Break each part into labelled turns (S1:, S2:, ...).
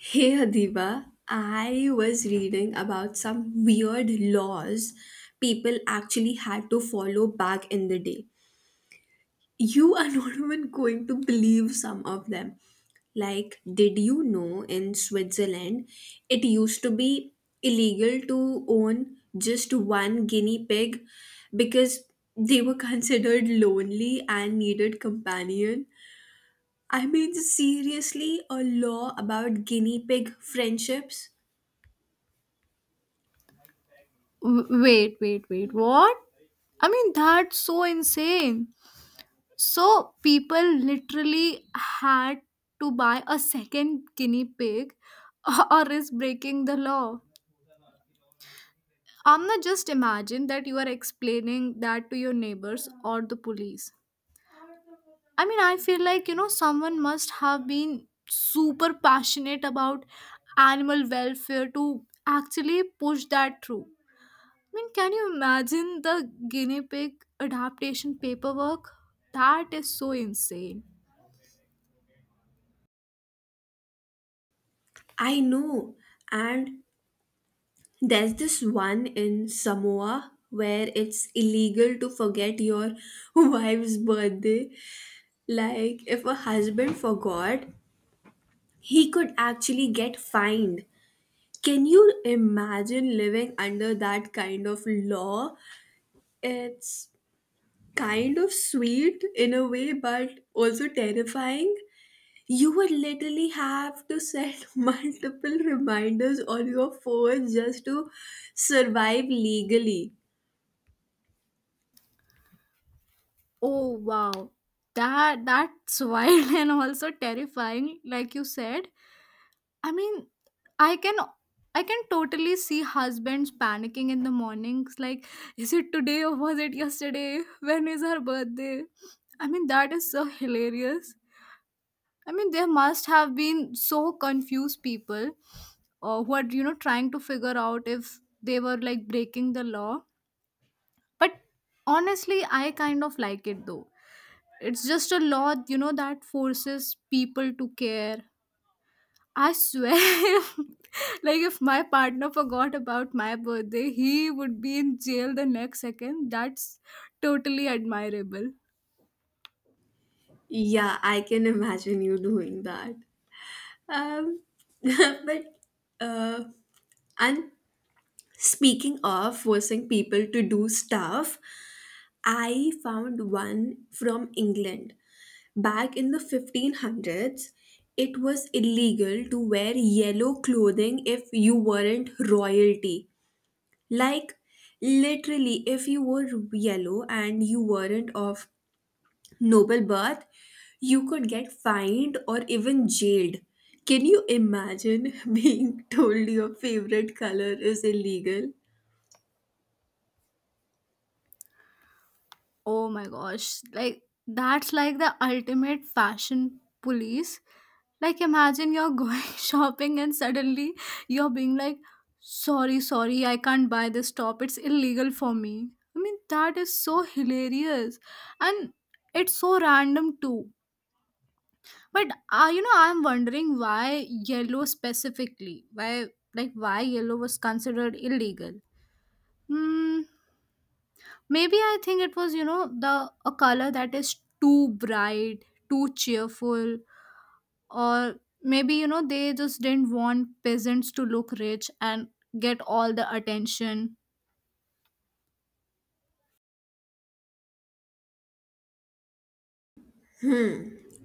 S1: Hey Adiba, I was reading about some weird laws people actually had to follow back in the day. You are not even going to believe some of them. Like, did you know in Switzerland it used to be illegal to own just one guinea pig because they were considered lonely and needed companion? I mean, seriously, a law about guinea pig friendships?
S2: Wait. What? I mean, that's so insane. So, people literally had to buy a second guinea pig or is breaking the law. Amna, just imagine that you are explaining that to your neighbors or the police. I mean, I feel like, someone must have been super passionate about animal welfare to actually push that through. I mean, can you imagine the guinea pig adaptation paperwork? That is so insane.
S1: I know. And there's this one in Samoa where it's illegal to forget your wife's birthday. Like, if a husband forgot, he could actually get fined. Can you imagine living under that kind of law? It's kind of sweet in a way, but also terrifying. You would literally have to set multiple reminders on your phone just to survive legally.
S2: Oh wow. That's wild and also terrifying, like you said. I mean, I can I can totally see husbands panicking in the mornings, like, is it today or was it yesterday? When is her birthday? I mean, that is so hilarious. I mean, there must have been so confused people who are, trying to figure out if they were like breaking the law. But honestly, I kind of like it though. It's just a law, that forces people to care. I swear, like if my partner forgot about my birthday, he would be in jail the next second. That's totally admirable.
S1: Yeah, I can imagine you doing that. Um, but uh, and speaking of forcing people to do stuff, I found one from England. Back in the 1500s, it was illegal to wear yellow clothing if you weren't royalty. Like, literally, if you were yellow and you weren't of noble birth, you could get fined or even jailed. Can you imagine being told your favorite color is illegal?
S2: Oh my gosh, like that's like the ultimate fashion police. Like imagine you're going shopping and suddenly you're being like, Sorry, I can't buy this top. It's illegal for me. I mean, that is so hilarious. And it's so random too. But you know, I'm wondering why yellow specifically. Why like why yellow was considered illegal? Hmm. Maybe I think it was, you know, the a color that is too bright, too cheerful, or maybe, you know, they just didn't want peasants to look rich and get all the attention.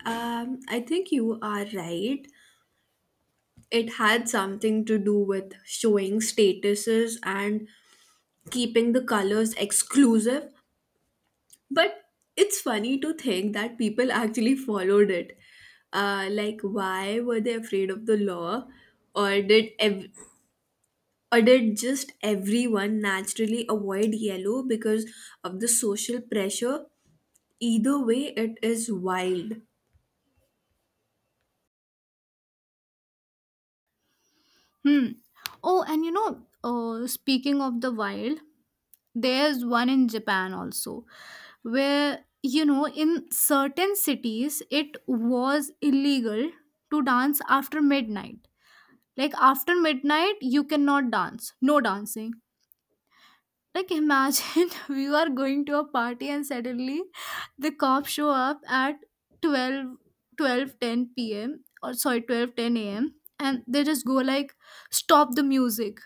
S1: I think you are right. It had something to do with showing statuses and keeping the colors exclusive. But it's funny to think that people actually followed it. Like, why were they afraid of the law, or did ev- or did just everyone naturally avoid yellow because of the social pressure? Either way, it is wild.
S2: Hmm. Oh, and you know, speaking of the wild, there's one in Japan also where you know in certain cities it was illegal to dance after midnight, like after midnight you cannot dance, no dancing. Like imagine we are going to a party and suddenly the cops show up at 12 12 p.m. or sorry 12:10 a.m., and they just go like stop the music.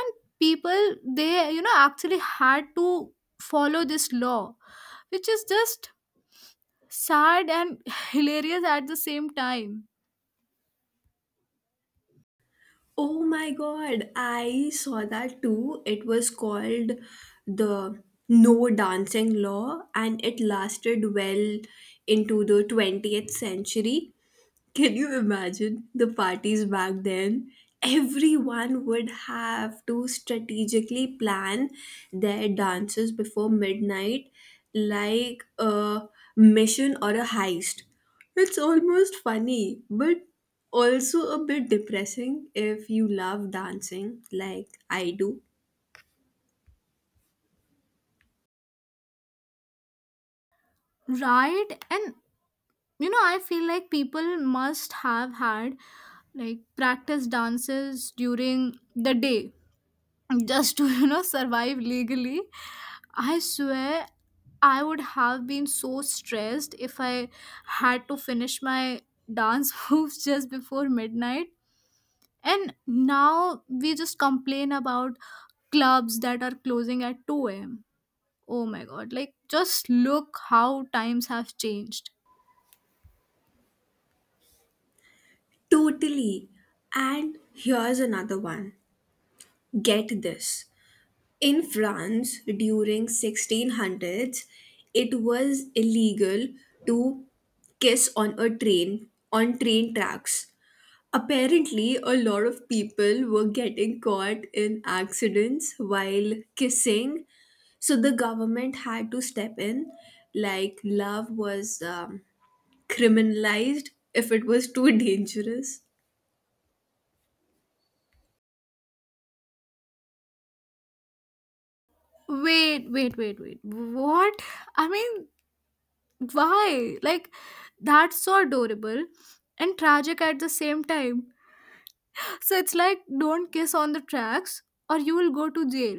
S2: And people, they you know actually had to follow this law, which is just sad and hilarious at the same time.
S1: Oh my god, I saw that too. It was called the no dancing law and it lasted well into the 20th century. Can you imagine the parties back then? Everyone would have to strategically plan their dances before midnight like a mission or a heist. It's almost funny, but also a bit depressing if you love dancing like I do.
S2: Right, and you know I feel like people must have had like practice dances during the day just to you know survive legally. I swear I would have been so stressed if I had to finish my dance moves just before midnight. And now we just complain about clubs that are closing at 2 a.m. Oh my god, like just look how times have changed.
S1: Totally. And here's another one. Get this. In France during 1600s, it was illegal to kiss on a train on train tracks. Apparently, a lot of people were getting caught in accidents while kissing, so the government had to step in. Like love was criminalized if it was too dangerous.
S2: Wait, what? I mean, why like that's so adorable and tragic at the same time. So it's like, don't kiss on the tracks or you will go to jail.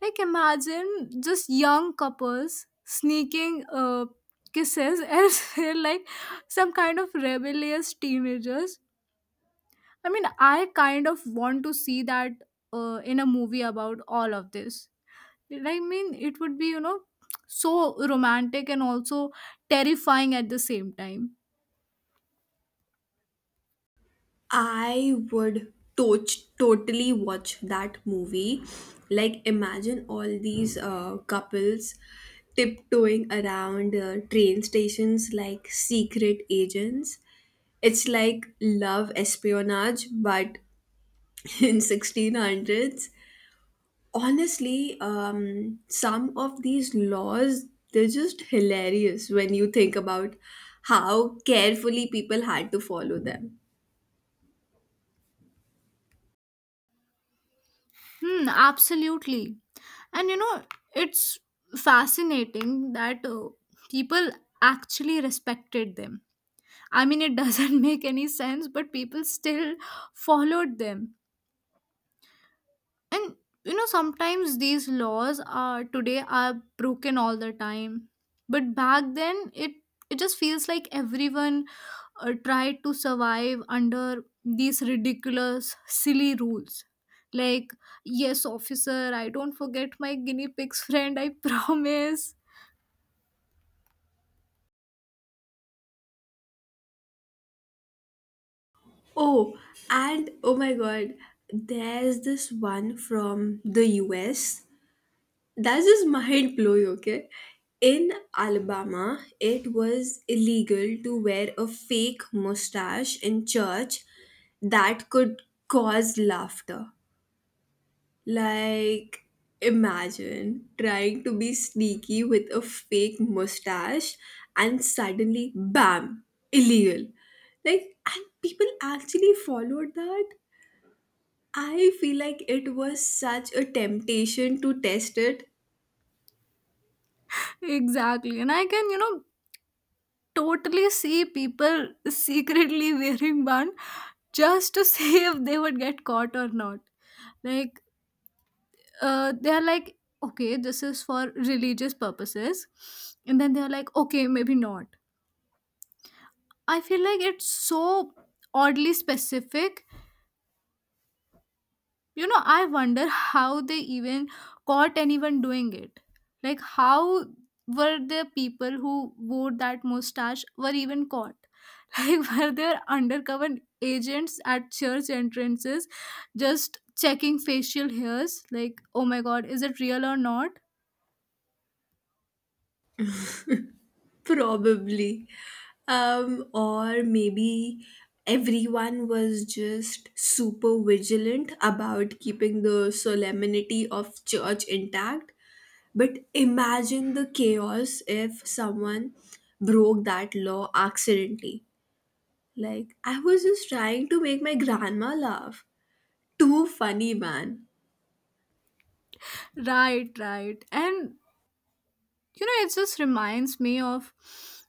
S2: Like, imagine just young couples sneaking kisses as they're like some kind of rebellious teenagers. I mean, I kind of want to see that in a movie about all of this. Like, I mean, it would be, you know, so romantic and also terrifying at the same time.
S1: I would totally watch that movie. Like, imagine all these couples tiptoeing around train stations like secret agents. It's like love espionage, but in 1600s. Honestly, some of these laws, they're just hilarious when you think about how carefully people had to follow them.
S2: Hmm, absolutely. And you know, it's fascinating that people actually respected them. I mean, it doesn't make any sense, but people still followed them. And you know, sometimes these laws are today are broken all the time, but back then it just feels like everyone tried to survive under these ridiculous, silly rules. Like, yes, officer, I don't forget my guinea pigs friend. I promise.
S1: Oh, and oh my god, there's this one from the US. That's just mind blowing, okay? In Alabama, it was illegal to wear a fake mustache in church that could cause laughter. Like, imagine trying to be sneaky with a fake mustache and suddenly, bam, illegal. Like, and people actually followed that. I feel like it was such a temptation to test it,
S2: Exactly. And I can, you know, totally see people secretly wearing one just to see if they would get caught or not. Like, they are like, okay, this is for religious purposes. And then they're like, okay, maybe not. I feel like it's so oddly specific. You know, I wonder how they even caught anyone doing it. Like, how were the people who wore that mustache were even caught? Like were there undercover agents at church entrances just checking facial hairs like oh my god is it real or not.
S1: probably. Or maybe everyone was just super vigilant about keeping the solemnity of church intact. But imagine the chaos if someone broke that law accidentally. Like, I was just trying to make my grandma laugh. Too funny, man.
S2: Right, and you know it just reminds me of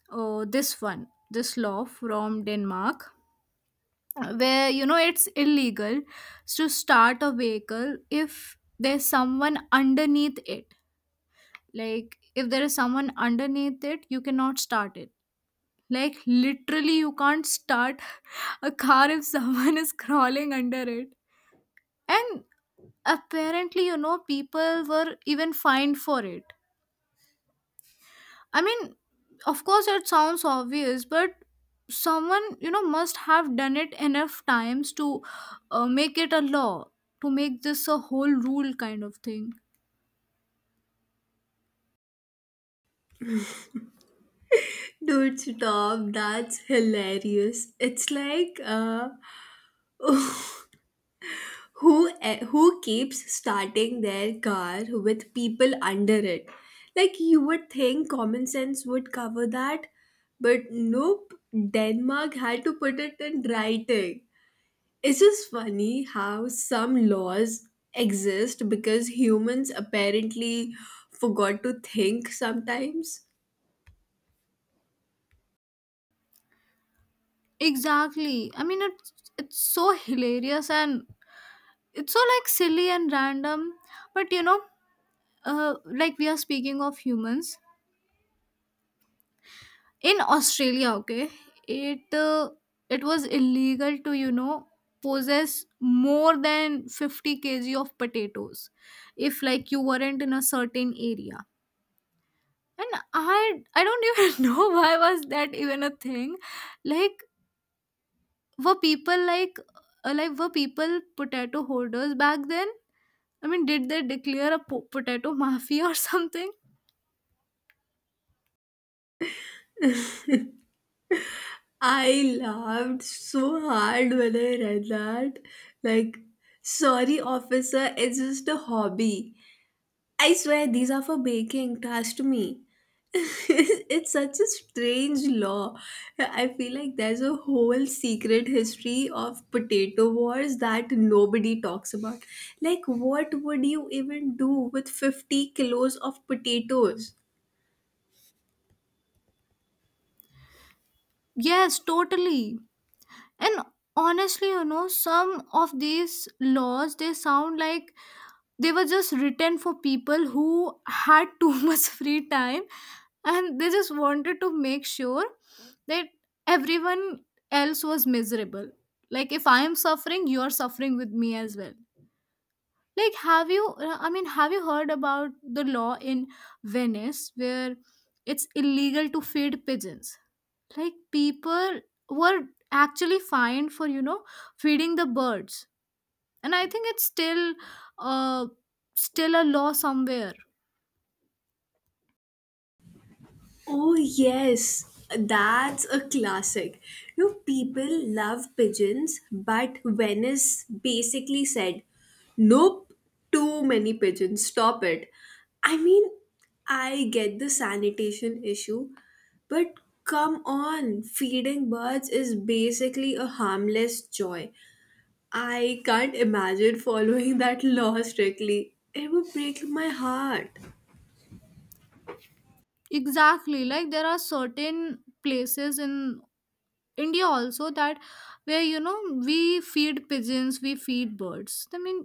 S2: oh this one, this law from Denmark, where you know it's illegal to start a vehicle if there's someone underneath it. Like if there is someone underneath it you cannot start it. Like literally you can't start a car if someone is crawling under it. And apparently, you know, people were even fined for it. I mean, of course it sounds obvious, but someone, you know, must have done it enough times to make it a law, to make this a whole rule kind of thing.
S1: Dude, stop! That's hilarious. It's like who keeps starting their car with people under it? Like you would think common sense would cover that, but nope. Denmark had to put it in writing. It's just funny how some laws exist because humans apparently forgot to think sometimes.
S2: Exactly. I mean, it's so hilarious and it's so like silly and random, but you know like we are speaking of humans in Australia, okay, it uh, it was illegal to you know possess more than 50 kg of potatoes if like you weren't in a certain area. And I don't even know why was that even a thing. Like were people like were people potato holders back then? I mean did they declare a potato mafia or something?
S1: I laughed so hard when I read that. Like, sorry, officer, it's just a hobby. I swear these are for baking, trust me. It's such a strange law. I feel like there's a whole secret history of potato wars that nobody talks about. Like, what would you even do with 50 kilos of potatoes?
S2: Yes, totally. And honestly, you know, some of these laws they sound like they were just written for people who had too much free time and they just wanted to make sure that everyone else was miserable. Like if I am suffering, you are suffering with me as well. Like have you I mean have you heard about the law in Venice where it's illegal to feed pigeons? Like people were actually fined for you know feeding the birds, and I think it's still uh still a law somewhere.
S1: Oh, yes, that's a classic. You know, people love pigeons, but Venice basically said, nope, too many pigeons, stop it. I mean, I get the sanitation issue, but come on, feeding birds is basically a harmless joy. I can't imagine following that law strictly. It would break my heart.
S2: Exactly, like there are certain places in India also that where you know we feed pigeons, we feed birds. I mean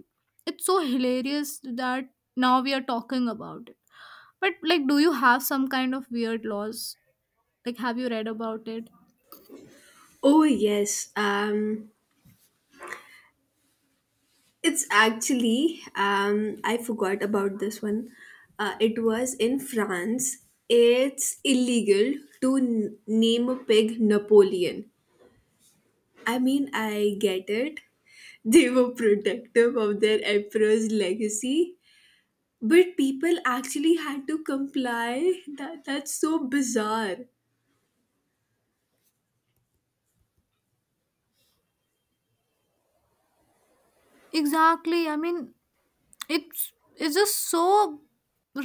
S2: it's so hilarious that now we are talking about it. But like do you have some kind of weird laws, like have you read about it?
S1: Oh yes, it's actually, I forgot about this one. It was in France. It's illegal to name a pig Napoleon. I mean, I get it. They were protective of their emperor's legacy, but people actually had to comply. That's so bizarre.
S2: Exactly. I mean it's just so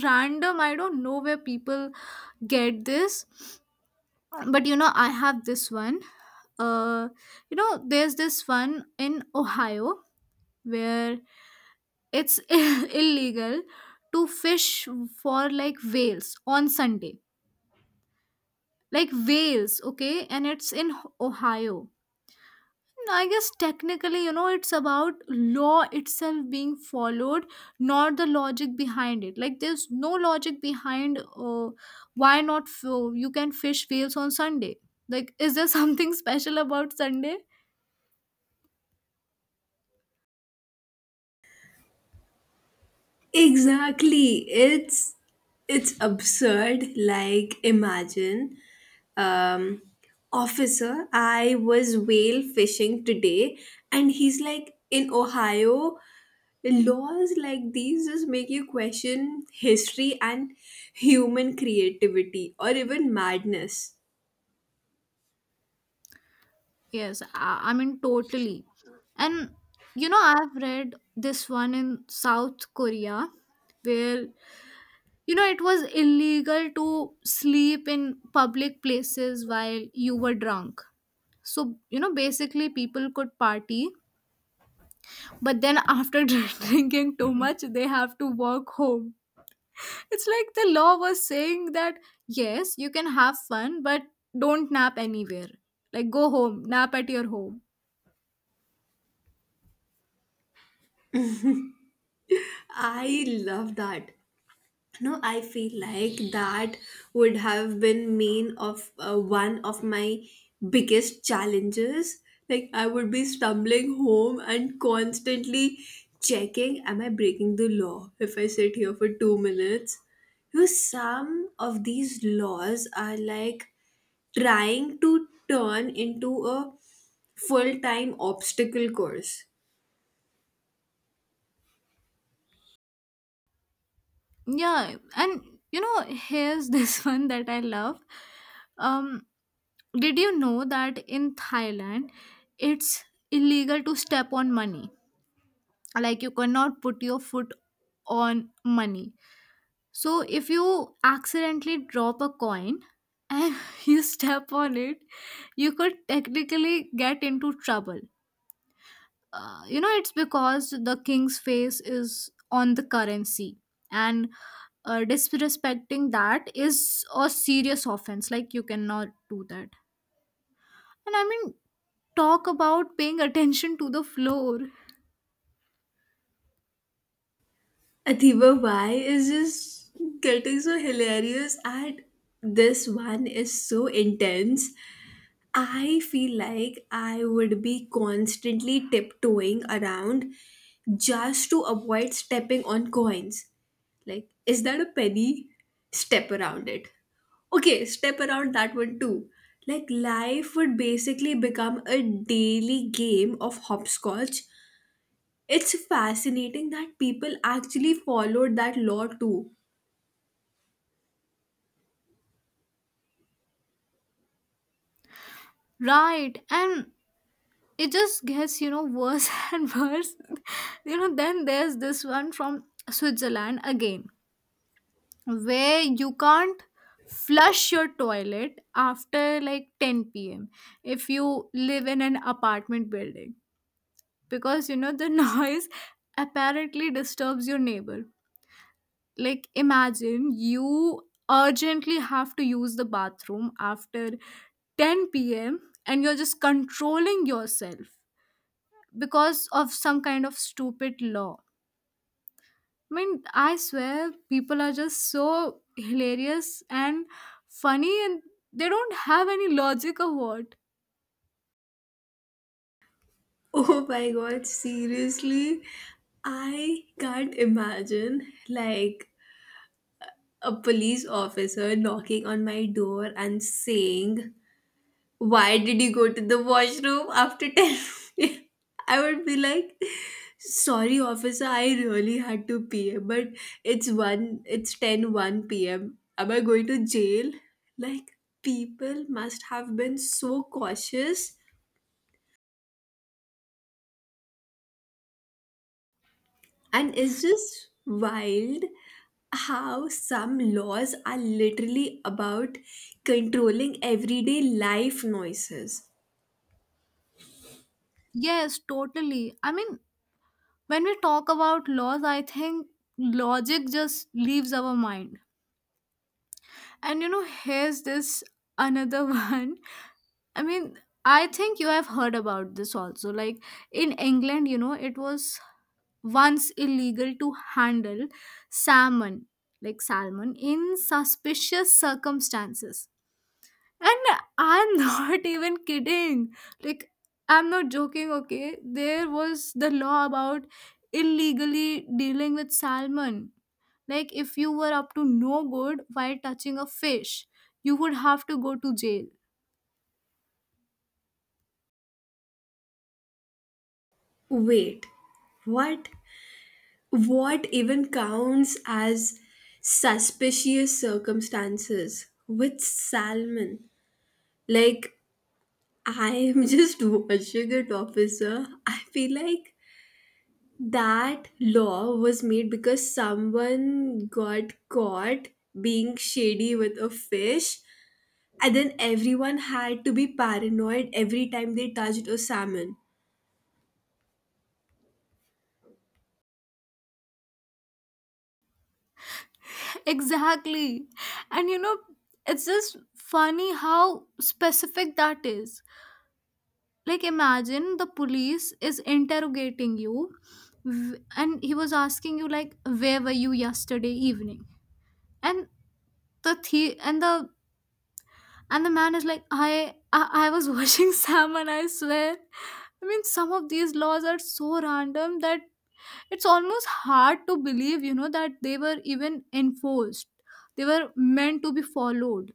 S2: random, I don't know where people get this. But you know I have this one uh you know there's this one in Ohio where it's illegal to fish for like whales on Sunday, like whales, okay, and it's in Ohio. No, I guess technically, you know, it's about law itself being followed, not the logic behind it. Like, there's no logic behind why not f- you can fish whales on Sunday. Like, is there something special about Sunday?
S1: Exactly. It's it's absurd. Like, imagine um, officer, I was whale fishing today, and he's like, in Ohio, laws like these just make you question history and human creativity or even madness.
S2: Yes, I mean, totally. And, you know, I've read this one in South Korea where you know it was illegal to sleep in public places while you were drunk. So you know basically people could party but then after drinking too Mhm. much they have to walk home. It's like the law was saying that yes you can have fun but don't nap anywhere, like go home, nap at your home.
S1: I love that. No, I feel like that would have been main of one of my biggest challenges. Like, I would be stumbling home and constantly checking, am I breaking the law if I sit here for 2 minutes? Because some of these laws are like trying to turn into a full-time obstacle course.
S2: Yeah, and you know here's this one that I love. Um, did you know that in Thailand it's illegal to step on money? Like you cannot put your foot on money. So if you accidentally drop a coin and you step on it, you could technically get into trouble. You know, it's because the king's face is on the currency and disrespecting that is a serious offense. Like you cannot do that. And I mean, talk about paying attention to the floor.
S1: Adiba Bai is just getting so hilarious and this one is so intense. I feel like I would be constantly tiptoeing around just to avoid stepping on coins. Like, is that a penny? Step around it. Okay, step around that one too. Like, life would basically become a daily game of hopscotch. It's fascinating that people actually followed that law too.
S2: Right. And it just gets, you know, worse and worse. You know, then there's this one from Switzerland again, where you can't flush your toilet after like 10 p.m. if you live in an apartment building because, you know, the noise apparently disturbs your neighbor. Like imagine you urgently have to use the bathroom after 10 p.m. and you're just controlling yourself because of some kind of stupid law. I mean, I swear people are just so hilarious and funny and they don't have any logic of what.
S1: Oh my god, seriously? I can't imagine like a police officer knocking on my door and saying, why did you go to the washroom after 10? I would be like, sorry, officer, I really had to pee, but it's ten one p.m. Am I going to jail? Like, people must have been so cautious. And it's just wild how some laws are literally about controlling everyday life noises.
S2: Yes, totally. I mean, when we talk about laws, I think logic just leaves our mind. And you know, here's this another one. I mean, I think you have heard about this also. Like in England, you know, it was once illegal to handle salmon, like salmon, in suspicious circumstances. And I'm not even kidding. Like, I'm not joking, okay? There was the law about illegally dealing with salmon. Like if you were up to no good while touching a fish, you would have to go to jail.
S1: Wait, what? What even counts as suspicious circumstances with salmon? Like, I am just watching it, officer. I feel like that law was made because someone got caught being shady with a fish, and then everyone had to be paranoid every time they touched a salmon.
S2: Exactly. And you know, it's just funny how specific that is. Like imagine the police is interrogating you and he was asking you like where were you yesterday evening? And the- and the And the man is like, I was watching salmon, I swear. I mean, some of these laws are so random that it's almost hard to believe, you know, that they were even enforced. They were meant to be followed.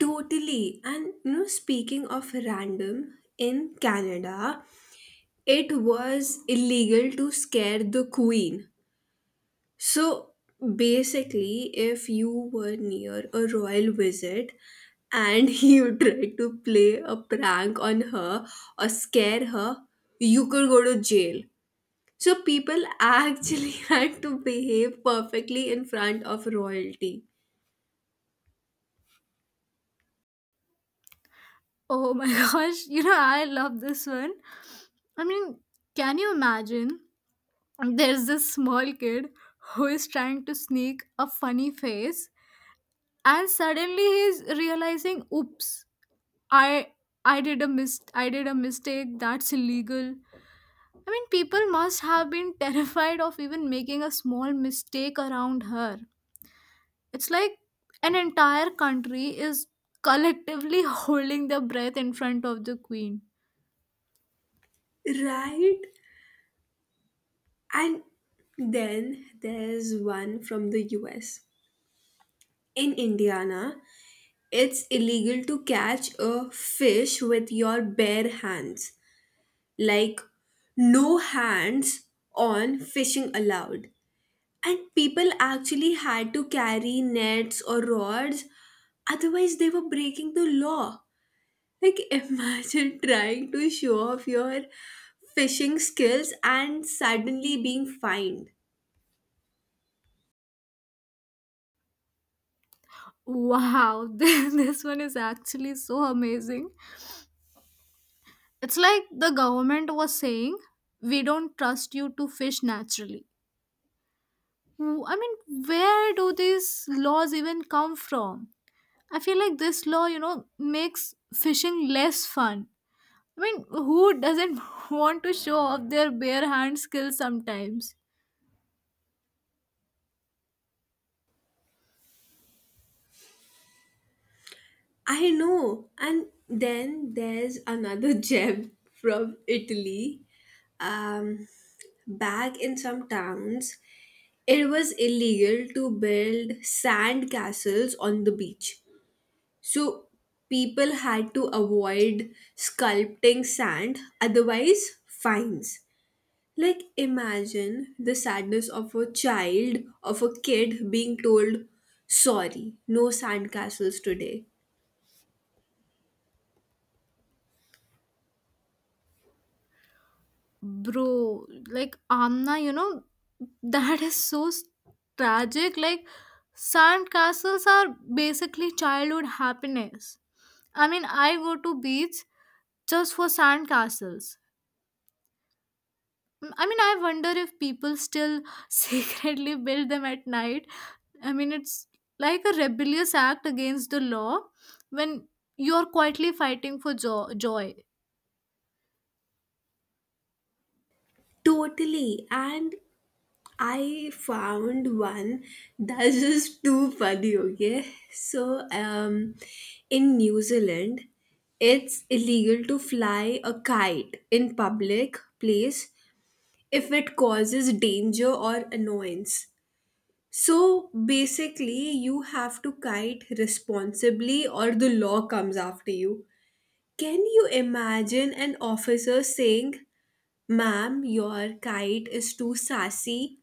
S1: Totally. And you know, speaking of random, in Canada, it was illegal to scare the queen. So basically, if you were near a royal visit and you tried to play a prank on her or scare her, you could go to jail. So people actually had to behave perfectly in front of royalty.
S2: Oh my gosh, you know, I love this one. I mean, can you imagine? There's this small kid who is trying to sneak a funny face, and suddenly he's realizing, oops, I I did a mistake, that's illegal. I mean people must have been terrified of even making a small mistake around her. It's like an entire country is collectively holding their breath in front of the queen.
S1: Right? And then there's one from the US in Indiana. It's illegal to catch a fish with your bare hands. Like, no hands on fishing allowed. And people actually had to carry nets or rods, otherwise, they were breaking the law. Like, imagine trying to show off your fishing skills and suddenly being fined.
S2: Wow, this one is actually so amazing. It's like the government was saying, we don't trust you to fish naturally. I mean, where do these laws even come from? I feel like this law, you know, makes fishing less fun. I mean, who doesn't want to show off their bare hand skills sometimes?
S1: I know. And then there's another gem from Italy. Um, Back in some towns, it was illegal to build sand castles on the beach. So people had to avoid sculpting sand, otherwise, fines. Like, imagine the sadness of a child, of a kid being told, sorry, no sand castles today.
S2: Bro, like Amna, you know, that is so tragic. Like, sand castles are basically childhood happiness. I mean, I go to beach just for sand castles. Mm, I mean, I wonder if people still secretly build them at night. I mean, it's like a rebellious act against the law when you're quietly fighting for joy.
S1: Totally. And I found one that's just too funny, okay? So, in New Zealand, it's illegal to fly a kite in public place if it causes danger or annoyance. So, basically, you have to kite responsibly or the law comes after you. Can you imagine an officer saying, ma'am, your kite is too sassy?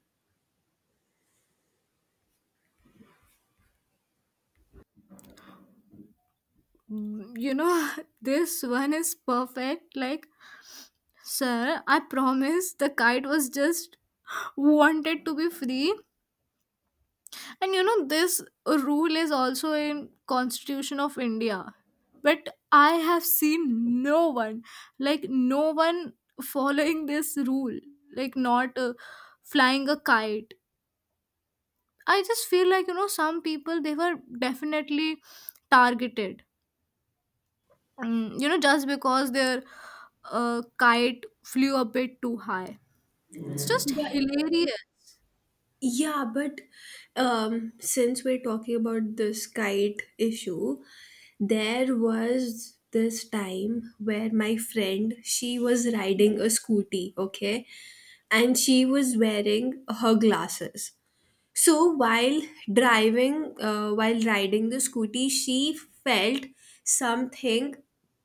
S2: Mm. You know, this one is perfect. Like, sir, I promise the kite was just wanted to be free. And you know, this rule is also in Constitution of India. But I have seen no one, like no one following this rule, like not flying a kite. I just feel like, you know, some people, they were definitely targeted. Mm, you know, just because their kite flew a bit too high. It's just
S1: But
S2: hilarious.
S1: Yeah, but since we're talking about this kite issue, there was this time where my friend she was riding a scooty, okay, and she was wearing her glasses. So while riding the scooty, she felt something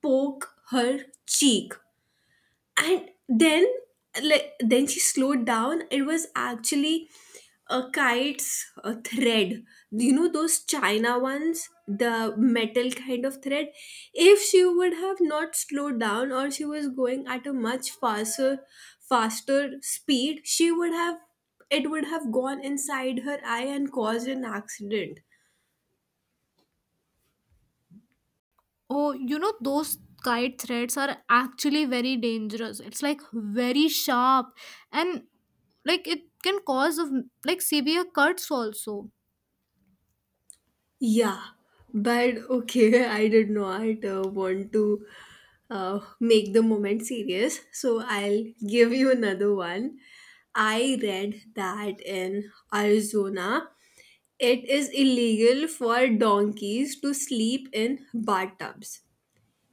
S1: poke her cheek, and then like then she slowed down. It was actually a kite's a thread, you know those china ones, the metal kind of thread. If she would have not slowed down or she was going at a much faster speed, she would have, it would have gone inside her eye and caused an accident.
S2: Oh, you know, those kite threads are actually very dangerous. It's like very sharp and like it can cause of like severe cuts also.
S1: Yeah, but okay, I did not want to make the moment serious, so I'll give you another one. I read that in Arizona, it is illegal for donkeys to sleep in bathtubs.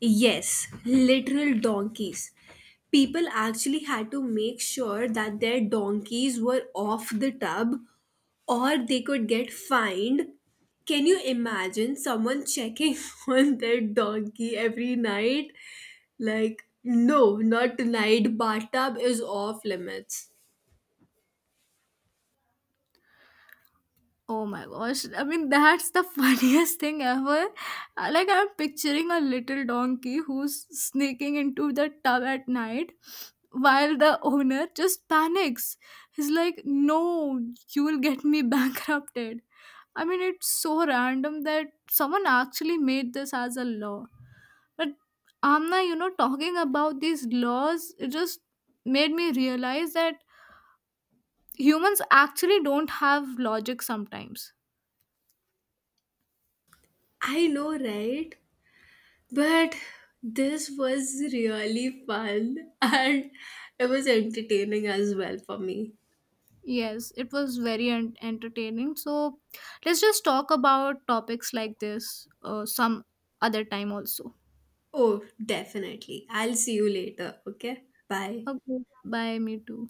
S1: Yes, literal donkeys. People actually had to make sure that their donkeys were off the tub or they could get fined. Can you imagine someone checking on their donkey every night? Like, no, not tonight. Bathtub is off limits.
S2: Oh my gosh. I mean, that's the funniest thing ever. Like I'm picturing a little donkey who's sneaking into the tub at night while the owner just panics. He's like, "No, you will get me bankrupted." I mean, it's so random that someone actually made this as a law. But Amna, you know, talking about these laws, it just made me realize that humans actually don't have logic sometimes.
S1: I know, right? But this was really fun and it was entertaining as well for me.
S2: Yes, it was very entertaining. So let's just talk about topics like this some other time also.
S1: Oh, definitely. I'll see you later. Okay? Bye.
S2: Okay, bye, me too.